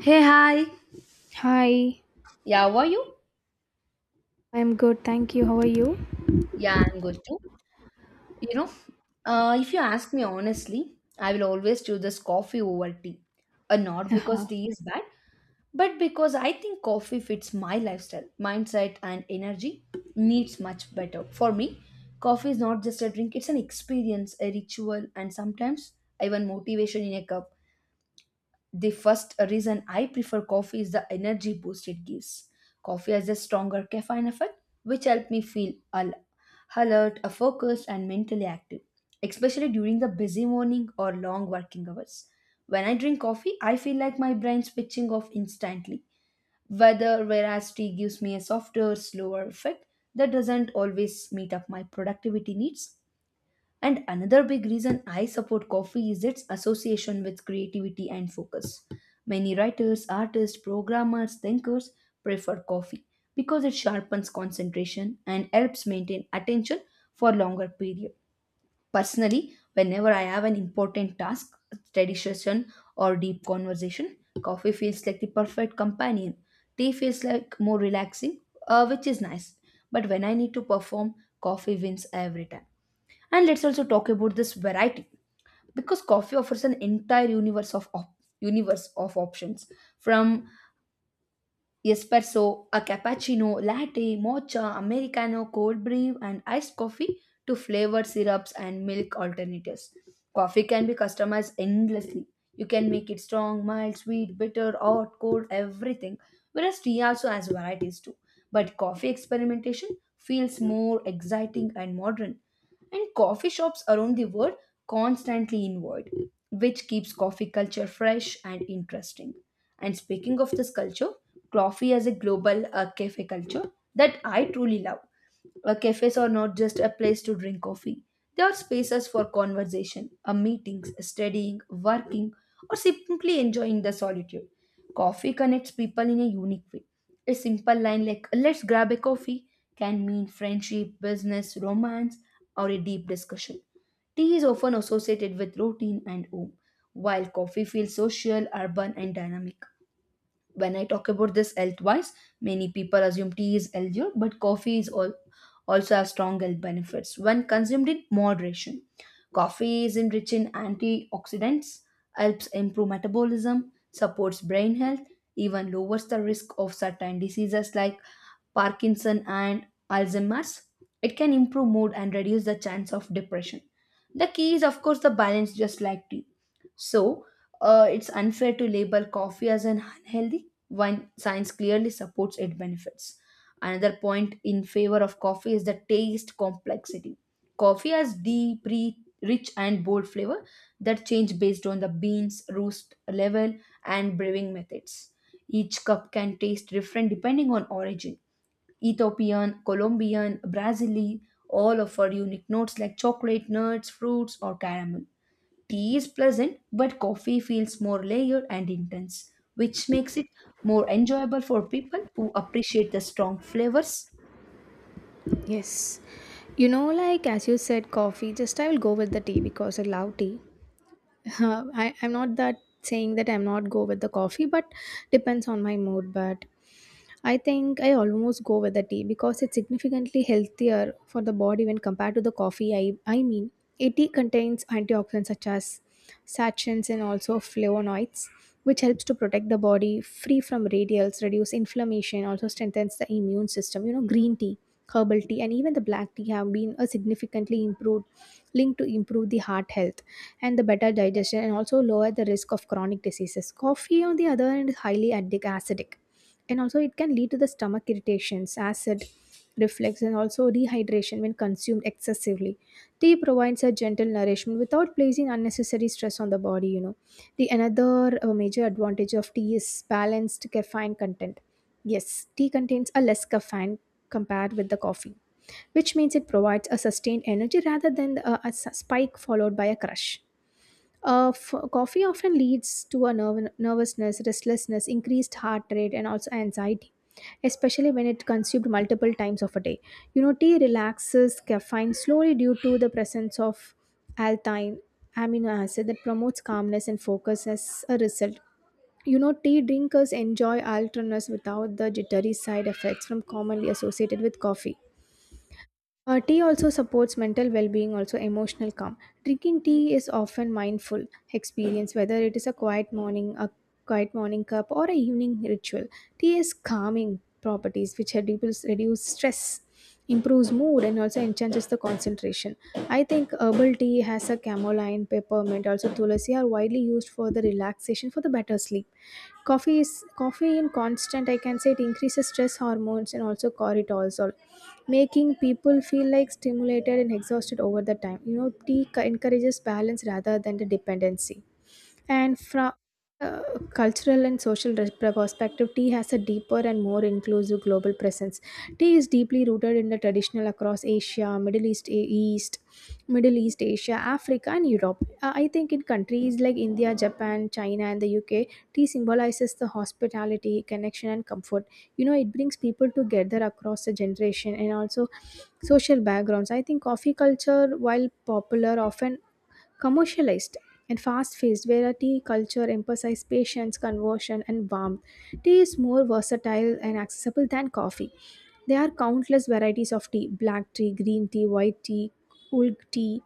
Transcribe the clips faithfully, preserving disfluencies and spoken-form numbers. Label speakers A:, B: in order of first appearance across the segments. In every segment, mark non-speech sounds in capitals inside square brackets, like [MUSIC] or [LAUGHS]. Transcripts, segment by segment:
A: Hey, hi.
B: Hi,
A: Yeah, how are you?
B: I'm good, thank you. How are you?
A: Yeah, I'm good too. You know, uh, if you ask me honestly, I will always choose this coffee over tea. Uh, not
B: [LAUGHS]
A: because tea is bad, but because I think coffee fits my lifestyle, mindset, and energy needs much better. For me, coffee is not just a drink, it's an experience, a ritual, and sometimes even motivation in a cup. The first reason I prefer coffee is the energy boost it gives. Coffee has a stronger caffeine effect, which helps me feel al- alert, uh, focused, and mentally active, especially during the busy morning or long working hours. When I drink coffee, I feel like my brain switching off instantly. Whether Whereas tea gives me a softer, slower effect that doesn't always meet up my productivity needs, and another big reason I support coffee is its association with creativity and focus. Many writers, artists, programmers, thinkers prefer coffee because it sharpens concentration and helps maintain attention for longer period. Personally, whenever I have an important task, study session or deep conversation, coffee feels like the perfect companion. Tea feels like more relaxing, uh, which is nice. But when I need to perform, coffee wins every time. And let's also talk about this variety because coffee offers an entire universe of op- universe of options from espresso, a cappuccino, latte, mocha, americano, cold brew, and iced coffee to flavored syrups and milk alternatives. Coffee can be customized endlessly. You can make it strong, mild, sweet, bitter, hot, cold, everything. Whereas tea also has varieties too. But coffee experimentation feels more exciting and modern. And coffee shops around the world constantly involved, which keeps coffee culture fresh and interesting. And speaking of this culture, coffee as a global uh, cafe culture that I truly love. Uh, cafes are not just a place to drink coffee, they are spaces for conversation, uh, meetings, studying, working, or simply enjoying the solitude. Coffee connects people in a unique way. A simple line like, let's grab a coffee, can mean friendship, business, romance, or a deep discussion. Tea is often associated with routine and home, while coffee feels social, urban, and dynamic. When I talk about this health-wise, many people assume tea is healthier, but coffee is all, also has strong health benefits when consumed in moderation. Coffee is enriched in antioxidants, helps improve metabolism, supports brain health, even lowers the risk of certain diseases like Parkinson, and Alzheimer's. It can improve mood and reduce the chance of depression. The key is, of course, the balance, just like tea. So, uh, it's unfair to label coffee as an unhealthy when science clearly supports its benefits. Another point in favor of coffee is the taste complexity. Coffee has deep, re- rich, and bold flavor that change based on the beans, roast level, and brewing methods. Each cup can taste different depending on origin. Ethiopian, Colombian, Brazili, all offer unique notes like chocolate, nuts, fruits, or caramel. Tea is pleasant, but coffee feels more layered and intense, which makes it more enjoyable for people who appreciate the strong flavors.
B: Yes. You know, like as you said, coffee, just I will go with the tea because I love tea. [LAUGHS] I, I'm not that saying that I'm not go with the coffee, but depends on my mood. But I think I almost go with the tea because it's significantly healthier for the body when compared to the coffee. I, I mean, a tea contains antioxidants such as sachins and also flavonoids, which helps to protect the body free from radials, reduce inflammation, also strengthens the immune system. You know, green tea, herbal tea, and even the black tea have been a significantly improved linked to improve the heart health and the better digestion and also lower the risk of chronic diseases. Coffee, on the other hand, is highly addic- acidic and also it can lead to the stomach irritations, acid reflux, and also dehydration when consumed excessively. Tea provides a gentle nourishment without placing unnecessary stress on the body. You know, the another uh, major advantage of tea is balanced caffeine content. Yes, tea contains a less caffeine compared with the coffee, which means it provides a sustained energy rather than a, a s- spike followed by a crush. Uh, f- coffee often leads to a nerv- nervousness, restlessness, increased heart rate, and also anxiety, especially when it consumed multiple times of a day. You know, tea relaxes caffeine slowly due to the presence of alkyne amino acid that promotes calmness and focus as a result. You know, tea drinkers enjoy alternatives without the jittery side effects from commonly associated with coffee. Uh, tea also supports mental well-being, also emotional calm. Drinking tea is often mindful experience, whether it is a quiet morning, a quiet morning cup, or a evening ritual. Tea has calming properties which reduce reduce stress, improves mood, and also enhances the concentration. I think herbal tea has a chamomile, peppermint, also tulsi are widely used for the relaxation for the better sleep. Coffee is coffee in constant, I can say, it increases stress hormones and also cortisol, making people feel like stimulated and exhausted over the time. You know, tea co- encourages balance rather than the dependency. And from a cultural and social res- perspective, tea has a deeper and more inclusive global presence. Tea is deeply rooted in the traditional across Asia, Middle East, A- East, Middle East, Asia, Africa, and Europe. Uh, I think in countries like India, Japan, China, and the U K, tea symbolizes the hospitality, connection, and comfort. You know, it brings people together across the generation and also social backgrounds. I think coffee culture, while popular, often commercialized and fast-paced, where a tea culture emphasizes patience, conversion, and warmth. Tea is more versatile and accessible than coffee. There are countless varieties of tea: black tea, green tea, white tea, oolong tea,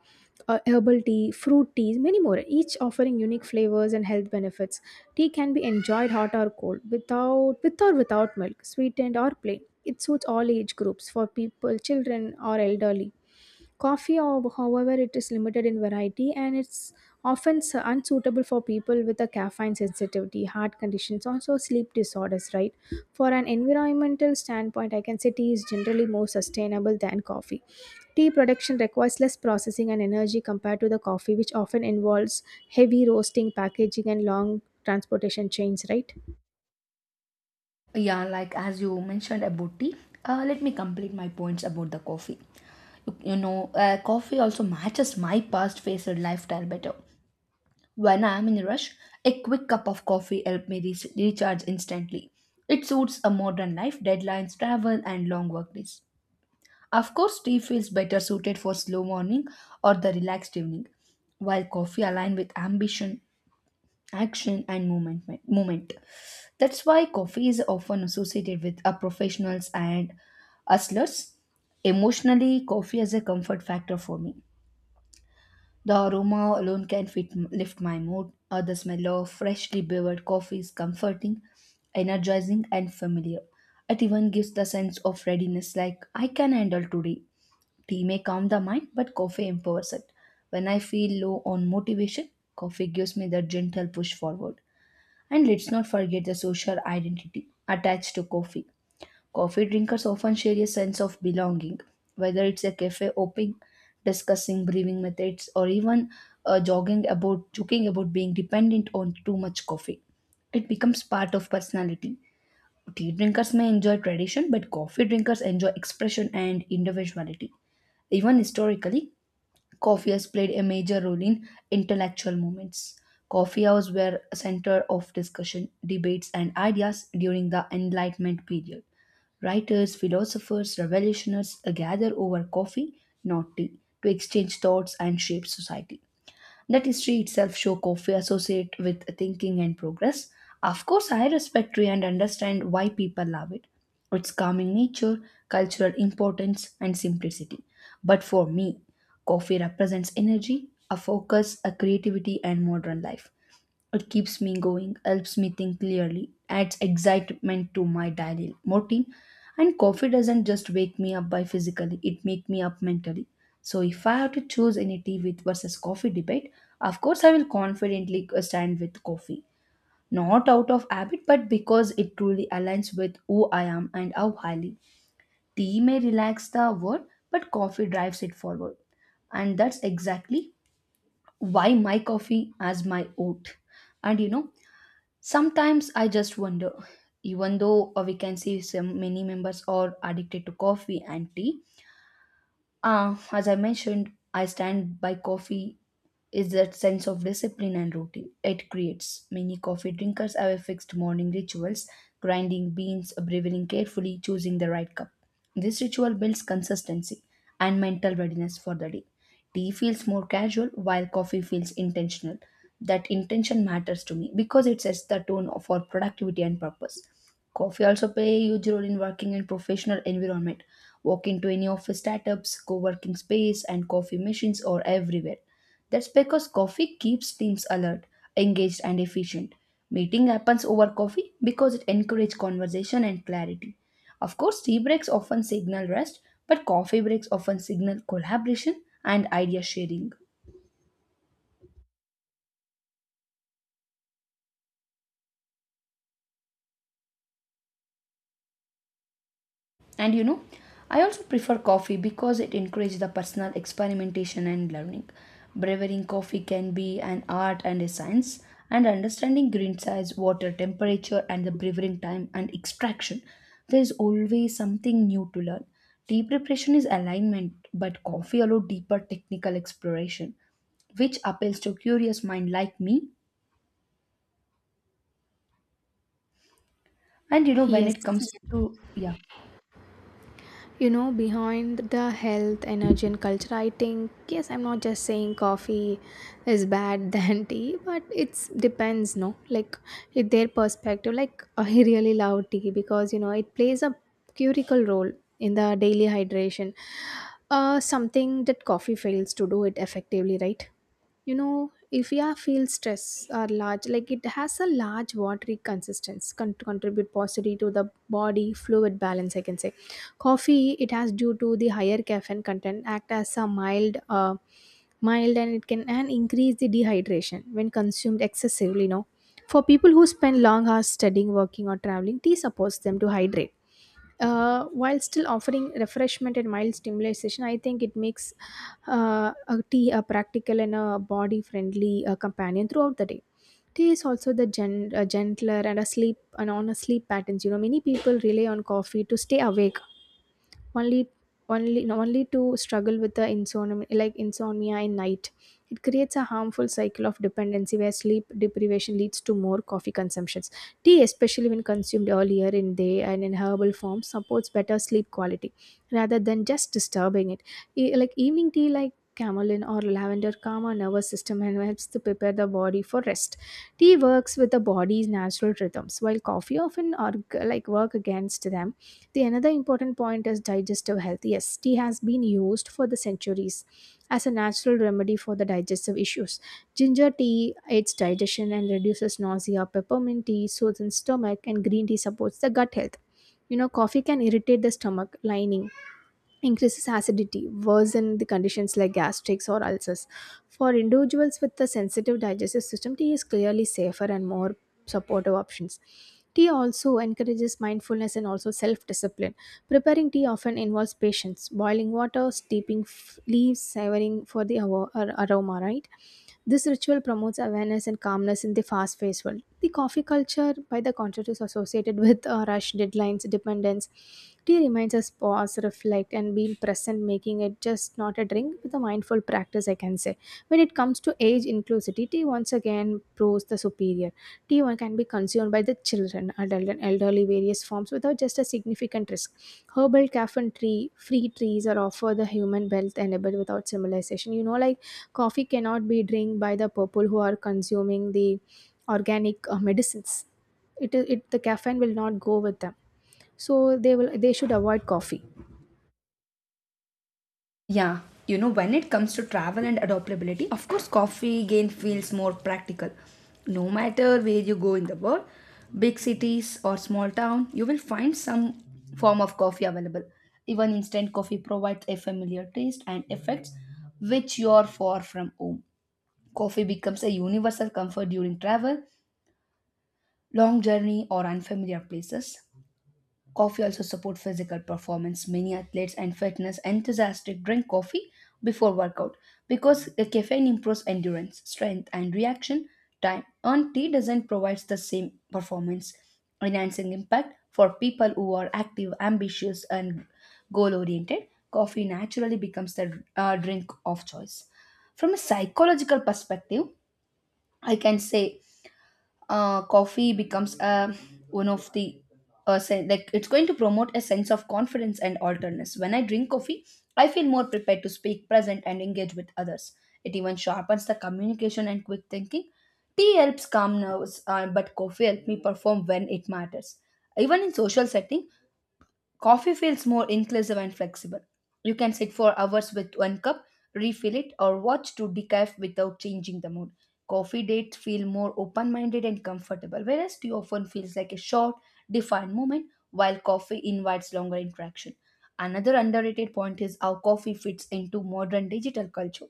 B: uh, herbal tea, fruit teas, many more. Each offering unique flavors and health benefits. Tea can be enjoyed hot or cold, without with or without milk, sweetened or plain. It suits all age groups for people, children or elderly. Coffee, ho- however, it is limited in variety and it's often s- unsuitable for people with a caffeine sensitivity, heart conditions, also sleep disorders, right? For an environmental standpoint, I can say tea is generally more sustainable than coffee. Tea production requires less processing and energy compared to the coffee, which often involves heavy roasting, packaging, and long transportation chains, right?
A: Yeah, like as you mentioned about tea, uh, let me complete my points about the coffee. You, you know, uh, coffee also matches my past faced lifestyle better. When I am in a rush, a quick cup of coffee helps me re- recharge instantly. It suits a modern life, deadlines, travel, and long work days. Of course, tea feels better suited for slow morning or the relaxed evening, while coffee aligns with ambition, action, and movement. movement. That's why coffee is often associated with uh, professionals and hustlers. Emotionally, coffee is a comfort factor for me. The aroma alone can fit, lift my mood. Uh, the smell of freshly brewed coffee is comforting, energizing, and familiar. It even gives the sense of readiness, like I can handle today. Tea may calm the mind, but coffee empowers it. When I feel low on motivation, coffee gives me the gentle push forward. And let's not forget the social identity attached to coffee. Coffee drinkers often share a sense of belonging, whether it's a cafe hopping, discussing brewing methods, or even uh, jogging about joking about being dependent on too much coffee. It becomes part of personality. Tea drinkers may enjoy tradition, but coffee drinkers enjoy expression and individuality. Even historically, coffee has played a major role in intellectual movements. Coffee houses were a center of discussion, debates, and ideas during the Enlightenment period. Writers, philosophers, revolutionaries gather over coffee, not tea, to exchange thoughts and shape society. That history itself show coffee associate with thinking and progress. Of course, I respect tea and understand why people love it. Its calming nature, cultural importance, and simplicity. But for me, coffee represents energy, a focus, a creativity, and modern life. It keeps me going, helps me think clearly, adds excitement to my daily routine. And coffee doesn't just wake me up by physically, it makes me up mentally. So if I have to choose any tea with versus coffee debate, of course I will confidently stand with coffee. Not out of habit, but because it truly aligns with who I am and how highly. Tea may relax the word, but coffee drives it forward, and that's exactly why my coffee as my oat. And you know Sometimes I just wonder, even though uh, we can see some many members are addicted to coffee and tea, uh, as I mentioned, I stand by coffee is that sense of discipline and routine it creates. Many coffee drinkers have a fixed morning rituals, grinding beans, brewing carefully, choosing the right cup. This ritual builds consistency and mental readiness for the day. Tea feels more casual while coffee feels intentional. That intention matters to me because it sets the tone for productivity and purpose. Coffee also play a huge role in working and professional environment. Walk into any office startups, co-working space, and coffee machines are everywhere. That's because coffee keeps teams alert, engaged, and efficient. Meeting happens over coffee because it encourages conversation and clarity. Of course, tea breaks often signal rest, but coffee breaks often signal collaboration and idea sharing. And you know, I also prefer coffee because it encourages the personal experimentation and learning. Brewing coffee can be an art and a science, and understanding green size, water temperature, and the brewing time and extraction, there is always something new to learn. Tea preparation is alignment, but coffee allows deeper technical exploration, which appeals to curious mind like me. And you know, when
B: Yes,
A: it comes to yeah,
B: you know, behind the health, energy, and culture, I think, yes, I'm not just saying coffee is bad [LAUGHS] than tea, but it's depends, no, like it, their perspective, like [LAUGHS] I really love tea because you know it plays a critical role in the daily hydration, uh, something that coffee fails to do it effectively, right? You know, if we are feel stress or large, like it has a large watery consistence con- contribute positively to the body fluid balance, I can say. Coffee, it has due to the higher caffeine content act as a mild uh, mild, and it can and increase the dehydration when consumed excessively. You know, for people who spend long hours studying, working, or traveling, tea supports them to hydrate, uh, while still offering refreshment and mild stimulation. I think it makes uh, a tea a practical and a body friendly uh, companion throughout the day. Tea is also the gen- uh, gentler and a sleep and on a sleep patterns. You know, many people rely on coffee to stay awake, only only no, only to struggle with the insomnia, like insomnia in night. It creates a harmful cycle of dependency where sleep deprivation leads to more coffee consumptions. Tea, especially when consumed earlier in day and in herbal form, supports better sleep quality rather than just disturbing it. E- like evening tea like chamomile or lavender calm our nervous system and helps to prepare the body for rest. Tea works with the body's natural rhythms while coffee often or like work against them. The another important point is digestive health. Yes, tea has been used for the centuries as a natural remedy for the digestive issues. Ginger tea aids digestion and reduces nausea. Peppermint tea soothes stomach, and green tea supports the gut health. You know, coffee can irritate the stomach lining, increases acidity, worsen the conditions like gastrics or ulcers. For individuals with a sensitive digestive system, tea is clearly safer and more supportive options. Tea also encourages mindfulness and also self discipline. Preparing tea often involves patience, boiling water, steeping f- leaves, savoring for the avo- ar- aroma, right? This ritual promotes awareness and calmness in the fast paced world. The coffee culture, by the contrast, is associated with uh, rush, deadlines, dependence. Tea reminds us pause, reflect, and be present, making it just not a drink but a mindful practice, I can say. When it comes to age inclusivity, tea once again proves the superior. Tea one can be consumed by the children, adult, and elderly various forms without just a significant risk. Herbal caffeine tree free trees are offer the human wealth enabled without civilization. You know, like coffee cannot be drink by the people who are consuming the organic uh, medicines. It, it The caffeine will not go with them, so they will they should avoid coffee.
A: yeah, you know, when it comes to travel and adaptability, of course, coffee again feels more practical. No matter where you go in the world, big cities or small town, you will find some form of coffee available. Even instant coffee provides a familiar taste and effects which you are far from home. Coffee becomes a universal comfort during travel, long journey, or unfamiliar places. Coffee also supports physical performance. Many athletes and fitness enthusiasts drink coffee before workout because the caffeine improves endurance, strength, and reaction time. And tea doesn't provide the same performance enhancing impact for people who are active, ambitious, and goal oriented. Coffee naturally becomes the uh, drink of choice. From a psychological perspective, I can say uh, coffee becomes uh, one of the uh, sen- like it's going to promote a sense of confidence and alertness. When I drink coffee, I feel more prepared to speak, present, and engage with others. It even sharpens the communication and quick thinking. Tea helps calm nerves, uh, but coffee helps me perform when it matters. Even in social setting, coffee feels more inclusive and flexible. You can sit for hours with one cup, refill it, or watch to decaf without changing the mood. Coffee dates feel more open minded and comfortable, whereas tea often feels like a short, defined moment, while coffee invites longer interaction. Another underrated point is how coffee fits into modern digital culture.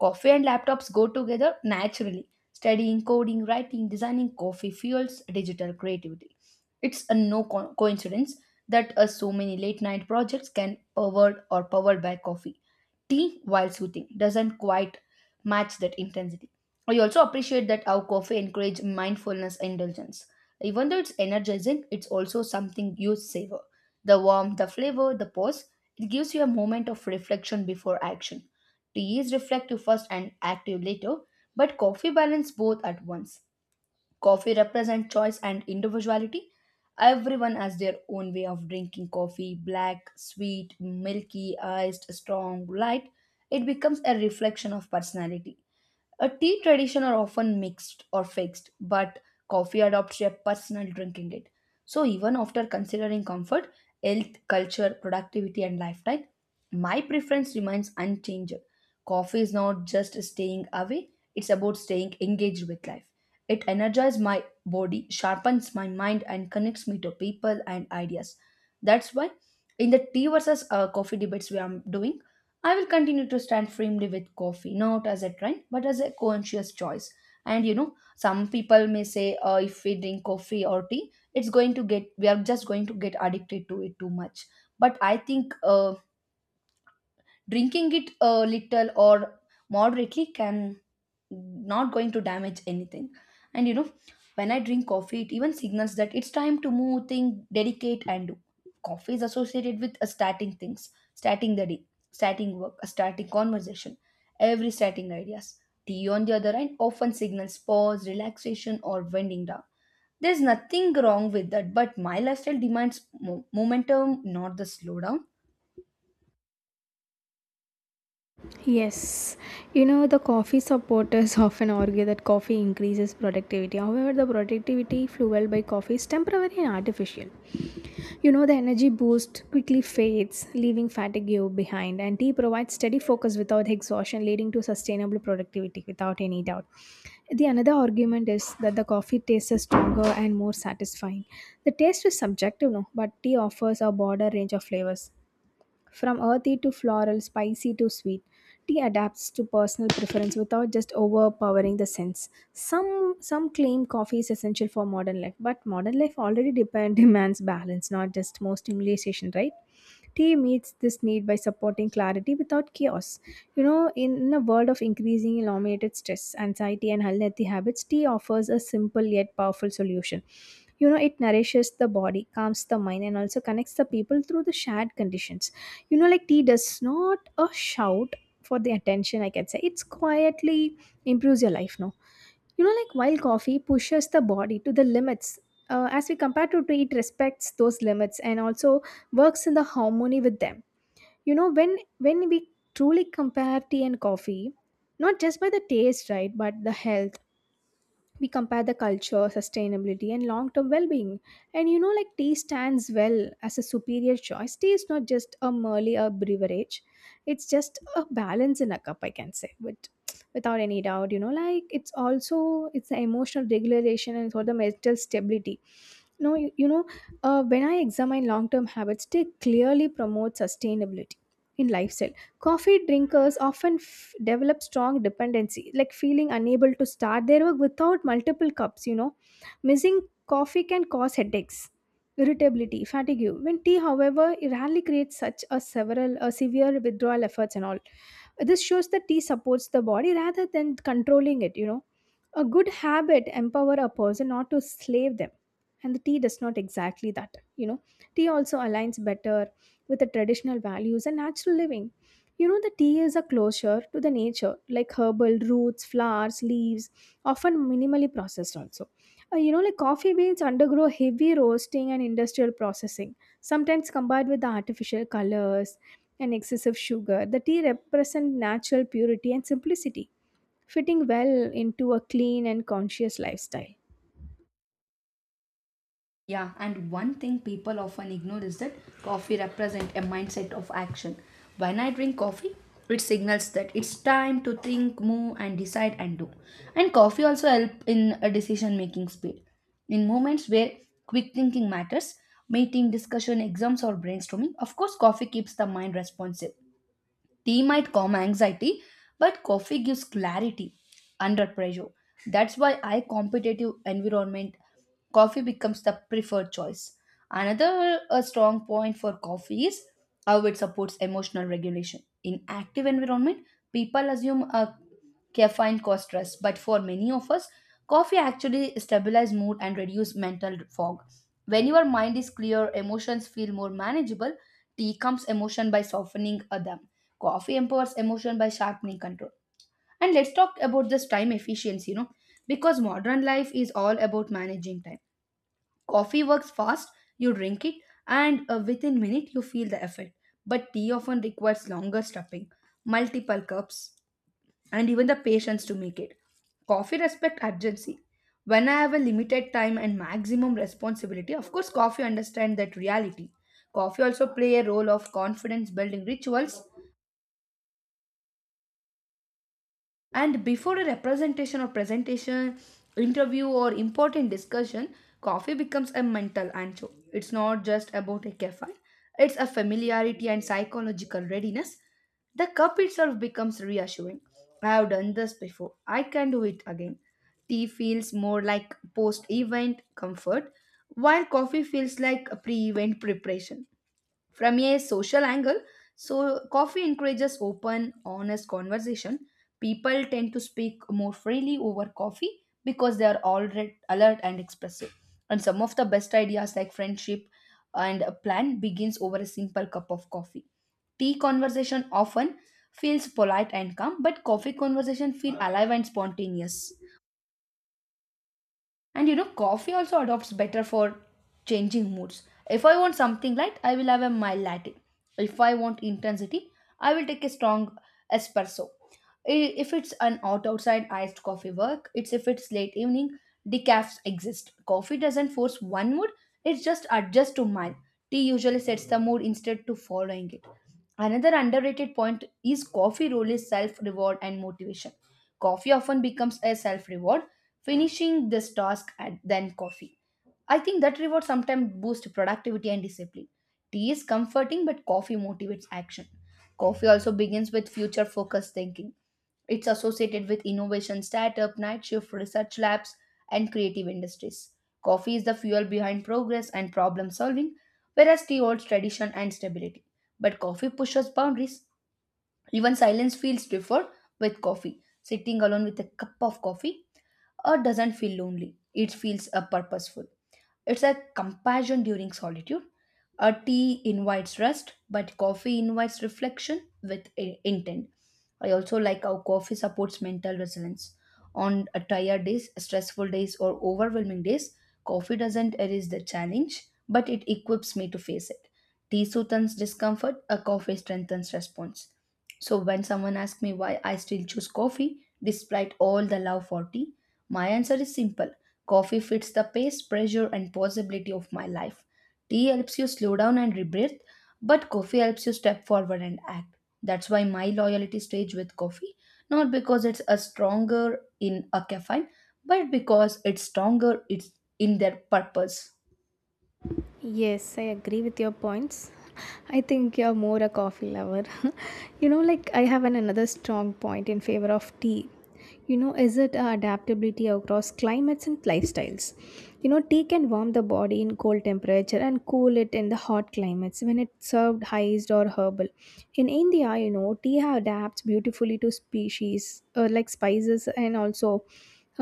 A: Coffee and laptops go together naturally. Studying, coding, writing, designing coffee fuels digital creativity. It's a no co- coincidence that uh, so many late night projects can powered or powered by coffee. Tea, while soothing, doesn't quite match that intensity. I also appreciate that how coffee encourage mindfulness indulgence. Even though it's energizing, it's also something you savor. The warmth, the flavor, the pause, it gives you a moment of reflection before action. Tea is reflective first and active later, but coffee balance both at once. Coffee represents choice and individuality. Everyone has their own way of drinking coffee black, sweet, milky, iced, strong, light. It becomes a reflection of personality. A tea tradition are often mixed or fixed, but coffee adopts a personal drinking it. So even after considering comfort, health, culture, productivity, and lifestyle, my preference remains unchanged. Coffee is not just staying away, it's about staying engaged with life. It energizes my body, sharpens my mind, and connects me to people and ideas. That's why in the tea versus uh, coffee debates we are doing, I will continue to stand firmly with coffee, not as a trend, but as a conscious choice. And you know, some people may say, uh, if we drink coffee or tea, it's going to get, we are just going to get addicted to it too much. But I think uh, drinking it a little or moderately can not going to damage anything and you know When I drink coffee, it even signals that it's time to move, think, dedicate, and do. Coffee is associated with uh, starting things, starting the day, starting work, a starting conversation, every starting ideas. Tea, on the other hand, often signals pause, relaxation, or winding down. There's nothing wrong with that, but my lifestyle demands mo- momentum, not the slowdown.
B: Yes, you know, the coffee supporters [LAUGHS] often argue that coffee increases productivity. However, the productivity fueled by coffee is temporary and artificial. You know, the energy boost quickly fades, leaving fatigue behind, and tea provides steady focus without exhaustion, leading to sustainable productivity without any doubt. The another argument is that the coffee taste is stronger and more satisfying. The taste is subjective, no, but tea offers a broader range of flavors. From earthy to floral, spicy to sweet, tea adapts to personal preference without just overpowering the sense. Some some claim coffee is essential for modern life, but modern life already depend, [LAUGHS] demands balance, not just more stimulation, right? Tea meets this need by supporting clarity without chaos. You know, in a world of increasing elongated stress, anxiety, and unhealthy habits, tea offers a simple yet powerful solution. You know, it nourishes the body, calms the mind, and also connects the people through the shared conditions. You know, like tea does not a shout for the attention, I can say. It's quietly improves your life, no? You know, like while coffee pushes the body to the limits, uh, as we compare to tea, it respects those limits and also works in the harmony with them. You know, when when we truly compare tea and coffee, not just by the taste, right, but the health, we compare the culture, sustainability, and long term well being. And you know, like tea stands well as a superior choice. Tea is not just a merely a beverage, it's just a balance in a cup, I can say. But without any doubt, you know, like it's also it's the emotional regulation and for the mental stability, no, you, you know, uh, when I examine long term habits, they clearly promote sustainability in lifestyle. Coffee drinkers often f- develop strong dependency, like feeling unable to start their work without multiple cups, you know. Missing coffee can cause headaches, irritability, fatigue. When tea, however, it rarely creates such a several a severe withdrawal efforts and all. This shows that tea supports the body rather than controlling it, you know, a good habit empower a person not to slave them. And the tea does not exactly that. You know, tea also aligns better with the traditional values and natural living. You know, the tea is a closure to the nature, like herbal roots, flowers, leaves, often minimally processed also. Uh, you know, like coffee beans undergo heavy roasting and industrial processing, sometimes combined with the artificial colors and excessive sugar. The tea represent natural purity and simplicity, fitting well into a clean and conscious lifestyle.
A: Yeah, and one thing people often ignore is that coffee represents a mindset of action. When I drink coffee, it signals that it's time to think, move, and decide and do. And coffee also help in a decision making speed. In moments where quick thinking matters, meeting, discussion, exams, or brainstorming, of course, coffee keeps the mind responsive. Tea might calm anxiety, but coffee gives clarity under pressure. That's why I competitive environment coffee becomes the preferred choice. Another uh, strong point for coffee is how it supports emotional regulation. In active environment, people assume a caffeine causes stress, but for many of us, coffee actually stabilizes mood and reduces mental fog. When your mind is clear, emotions feel more manageable. Tea calms emotion by softening uh, them. Coffee empowers emotion by sharpening control. And let's talk about this time efficiency, you know, because modern life is all about managing time. Coffee works fast, you drink it, and uh, within minute you feel the effect. But tea often requires longer stepping, multiple cups, and even the patience to make it. Coffee respect urgency. When I have a limited time and maximum responsibility, of course coffee understand that reality. Coffee also play a role of confidence building rituals. And before a representation or presentation, interview or important discussion, coffee becomes a mental anchor. It's not just about a caffeine, it's a familiarity and psychological readiness. The cup itself becomes reassuring. I have done this before. I can do it again. Tea feels more like post event comfort, while coffee feels like pre event preparation. From a social angle, so coffee encourages open, honest conversation. People tend to speak more freely over coffee because they are already alert and expressive. And some of the best ideas like friendship and a plan begins over a simple cup of coffee. Tea conversation often feels polite and calm, but coffee conversation feel alive and spontaneous. And you know, coffee also adopts better for changing moods. If I want something light, I will have a mild latte. If I want intensity, I will take a strong espresso. I- If it's an hot outside iced coffee work, it's if it's late evening, decafs exist. Coffee doesn't force one mood, it just adjusts to mine. Tea usually sets the mood instead to following it. Another underrated point is coffee role is self reward and motivation. Coffee often becomes a self reward finishing this task and then coffee. I think that reward sometimes boosts productivity and discipline. Tea is comforting, but coffee motivates action. Coffee also begins with future focused thinking. It's associated with innovation, startup, night shift, research labs, and creative industries. Coffee is the fuel behind progress and problem solving, whereas tea holds tradition and stability. But coffee pushes boundaries. Even silence feels preferred with coffee. Sitting alone with a cup of coffee uh, doesn't feel lonely. It feels uh, purposeful. It's a compassion during solitude. A tea invites rest, but coffee invites reflection with i- intent. I also like how coffee supports mental resilience. On a tired days, stressful days, or overwhelming days, coffee doesn't erase the challenge, but it equips me to face it. Tea soothes discomfort, a coffee strengthens response. So when someone asks me why I still choose coffee despite all the love for tea, my answer is simple. Coffee fits the pace, pressure, and possibility of my life. Tea helps you slow down and rebreathe, but coffee helps you step forward and act. That's why my loyalty stays with coffee, not because it's a stronger in a caffeine, but because it's stronger it's in their purpose.
B: Yes, I agree with your points. I think you're more a coffee lover. [LAUGHS] you know, like I have an, another strong point in favor of tea. You know, is it uh, adaptability across climates and lifestyles? You know, tea can warm the body in cold temperature and cool it in the hot climates when it's served iced or herbal. In India, you know, tea adapts beautifully to species uh, like spices and also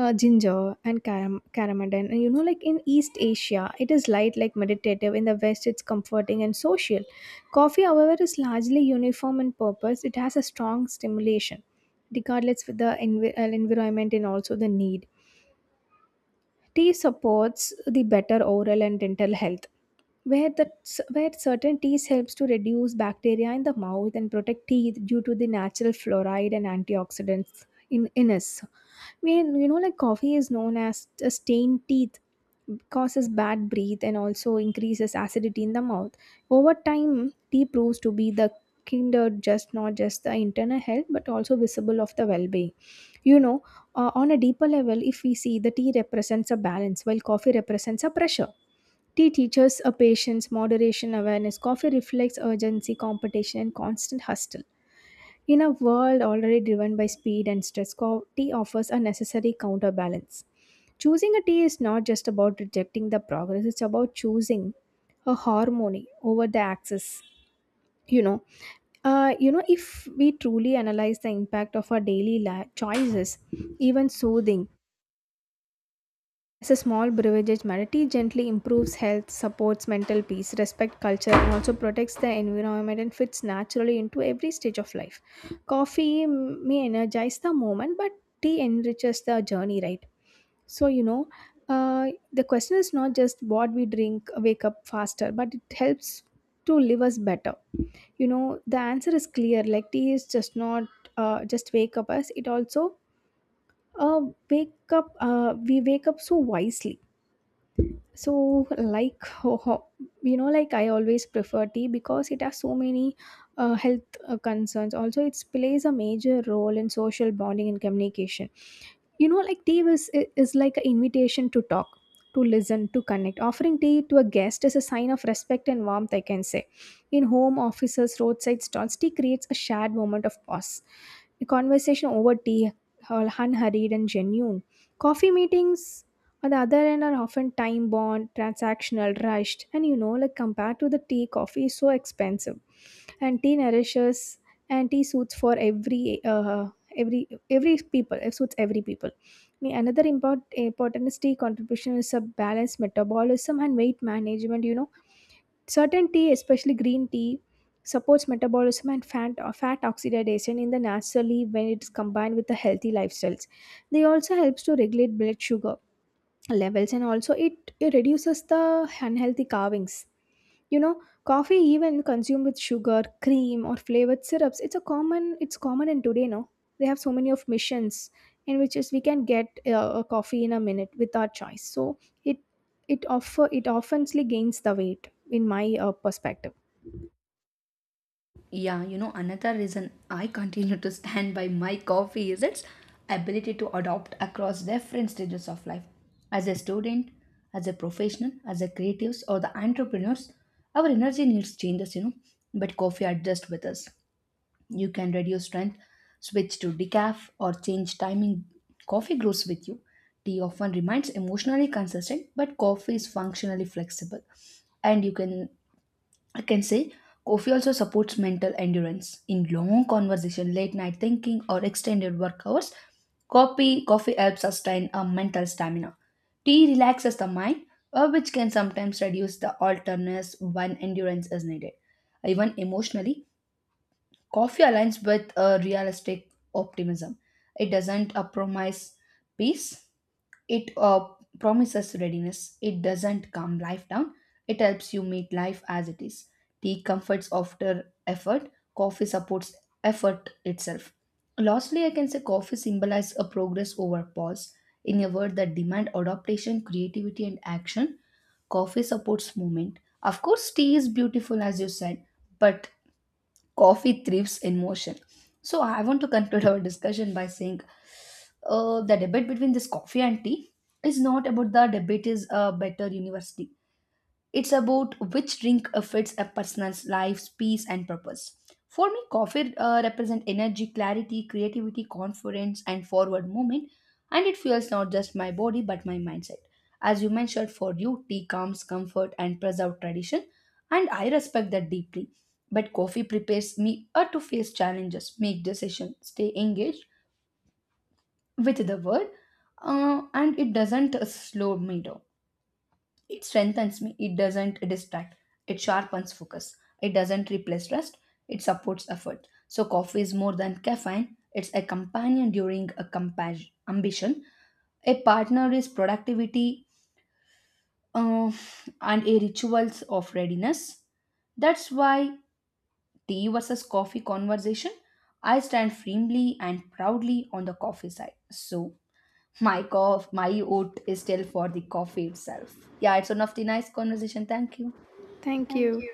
B: uh, ginger and caram- cardamom. And you know, like in east asia it is light, like meditative, in the west it's comforting and social. Coffee, however, is largely uniform in purpose. It has a strong stimulation regardless of the envi- uh, environment and also the need. Tea supports the better oral and dental health, where, the, where certain teas helps to reduce bacteria in the mouth and protect teeth due to the natural fluoride and antioxidants in in us. I you know, like coffee is known as a stained teeth, causes bad breath and also increases acidity in the mouth. Over time, tea proves to be the kinder, just not just the internal health but also visible of the well-being, you know uh, on a deeper level. If we see, the tea represents a balance while coffee represents a pressure. Tea teaches a patience, moderation, awareness. Coffee reflects urgency, competition, and constant hustle. In a world already driven by speed and stress, co- tea offers a necessary counterbalance. Choosing a tea is not just about rejecting the progress, it's about choosing a harmony over the axis. You know, uh, you know, if we truly analyze the impact of our daily la- choices, even soothing, as a small beverage matter, tea gently improves health, supports mental peace, respect culture, and also protects the environment and fits naturally into every stage of life. Coffee, mm, may energize the moment, but tea enriches the journey, right? So, you know, uh, the question is not just what we drink, wake up faster, but it helps to live us better. You know, the answer is clear. Like tea is just not uh, just wake up us. It also uh, wake up. Uh, we wake up so wisely. So, like [LAUGHS] ho- ho- you know, like I always prefer tea because it has so many uh, health uh, concerns. Also, it plays a major role in social bonding and communication. You know, like tea is, is like an invitation to talk, to listen, to connect. Offering tea to a guest is a sign of respect and warmth, I can say. In home offices, roadside stalls, tea creates a shared moment of pause. A conversation over tea are unhurried and genuine. Coffee meetings, on the other end, are often time bound, transactional, rushed, and you know, like compared to the tea, coffee is so expensive. And tea nourishes, and tea suits for every uh, every every people. It suits every people. Ne- another important important tea contribution is a balanced metabolism and weight management. You know, certain tea, especially green tea, supports metabolism and fat, fat oxidation in the naturally when it's combined with the healthy lifestyles. They also helps to regulate blood sugar levels and also it, it reduces the unhealthy carvings. You know, coffee even consumed with sugar, cream or flavored syrups, it's a common it's common in today, no? They have so many of missions in which is we can get uh, a coffee in a minute with our choice. So it it offer it oftenly gains the weight in my uh, perspective.
A: Yeah, you know, another reason I continue to stand by my coffee is its ability to adopt across different stages of life. As a student, as a professional, as a creatives or the entrepreneurs, our energy needs changes, you know, but coffee adjusts with us. You can reduce strength, switch to decaf or change timing. Coffee grows with you. Tea often remains emotionally consistent, but coffee is functionally flexible, and you can, I can say, coffee also supports mental endurance. In long conversation, late night thinking, or extended work hours, coffee, coffee helps sustain a mental stamina. Tea relaxes the mind, uh, which can sometimes reduce the alertness when endurance is needed. Even emotionally, coffee aligns with a realistic optimism. It doesn't uh, promise peace, it uh, promises readiness. It doesn't calm life down. It helps you meet life as it is. Tea comforts after effort. Coffee supports effort itself. Lastly, I can say coffee symbolizes a progress over pause. In a word that demand adaptation, creativity, and action, coffee supports movement. Of course, tea is beautiful as you said, but coffee thrives in motion. So I want to conclude our discussion by saying uh, the debate between this coffee and tea is not about the debate is a better university. It's about which drink fits a person's life's peace and purpose. For me, coffee uh, represents energy, clarity, creativity, confidence, and forward movement, and it fuels not just my body but my mindset. As you mentioned, for you, tea calms comfort and preserve tradition, and I respect that deeply. But coffee prepares me uh, to face challenges, make decisions, stay engaged, with the word uh, and it doesn't slow me down, it strengthens me. It doesn't distract, it sharpens focus. It doesn't replace rest, it supports effort. So coffee is more than caffeine, it's a companion during a compas- ambition, a partner is productivity, uh, and a rituals of readiness. That's why tea versus coffee conversation, I stand firmly and proudly on the coffee side. So my cough, my oat is still for the coffee itself. Yeah, it's one of the nice conversation. Thank you.
B: Thank you.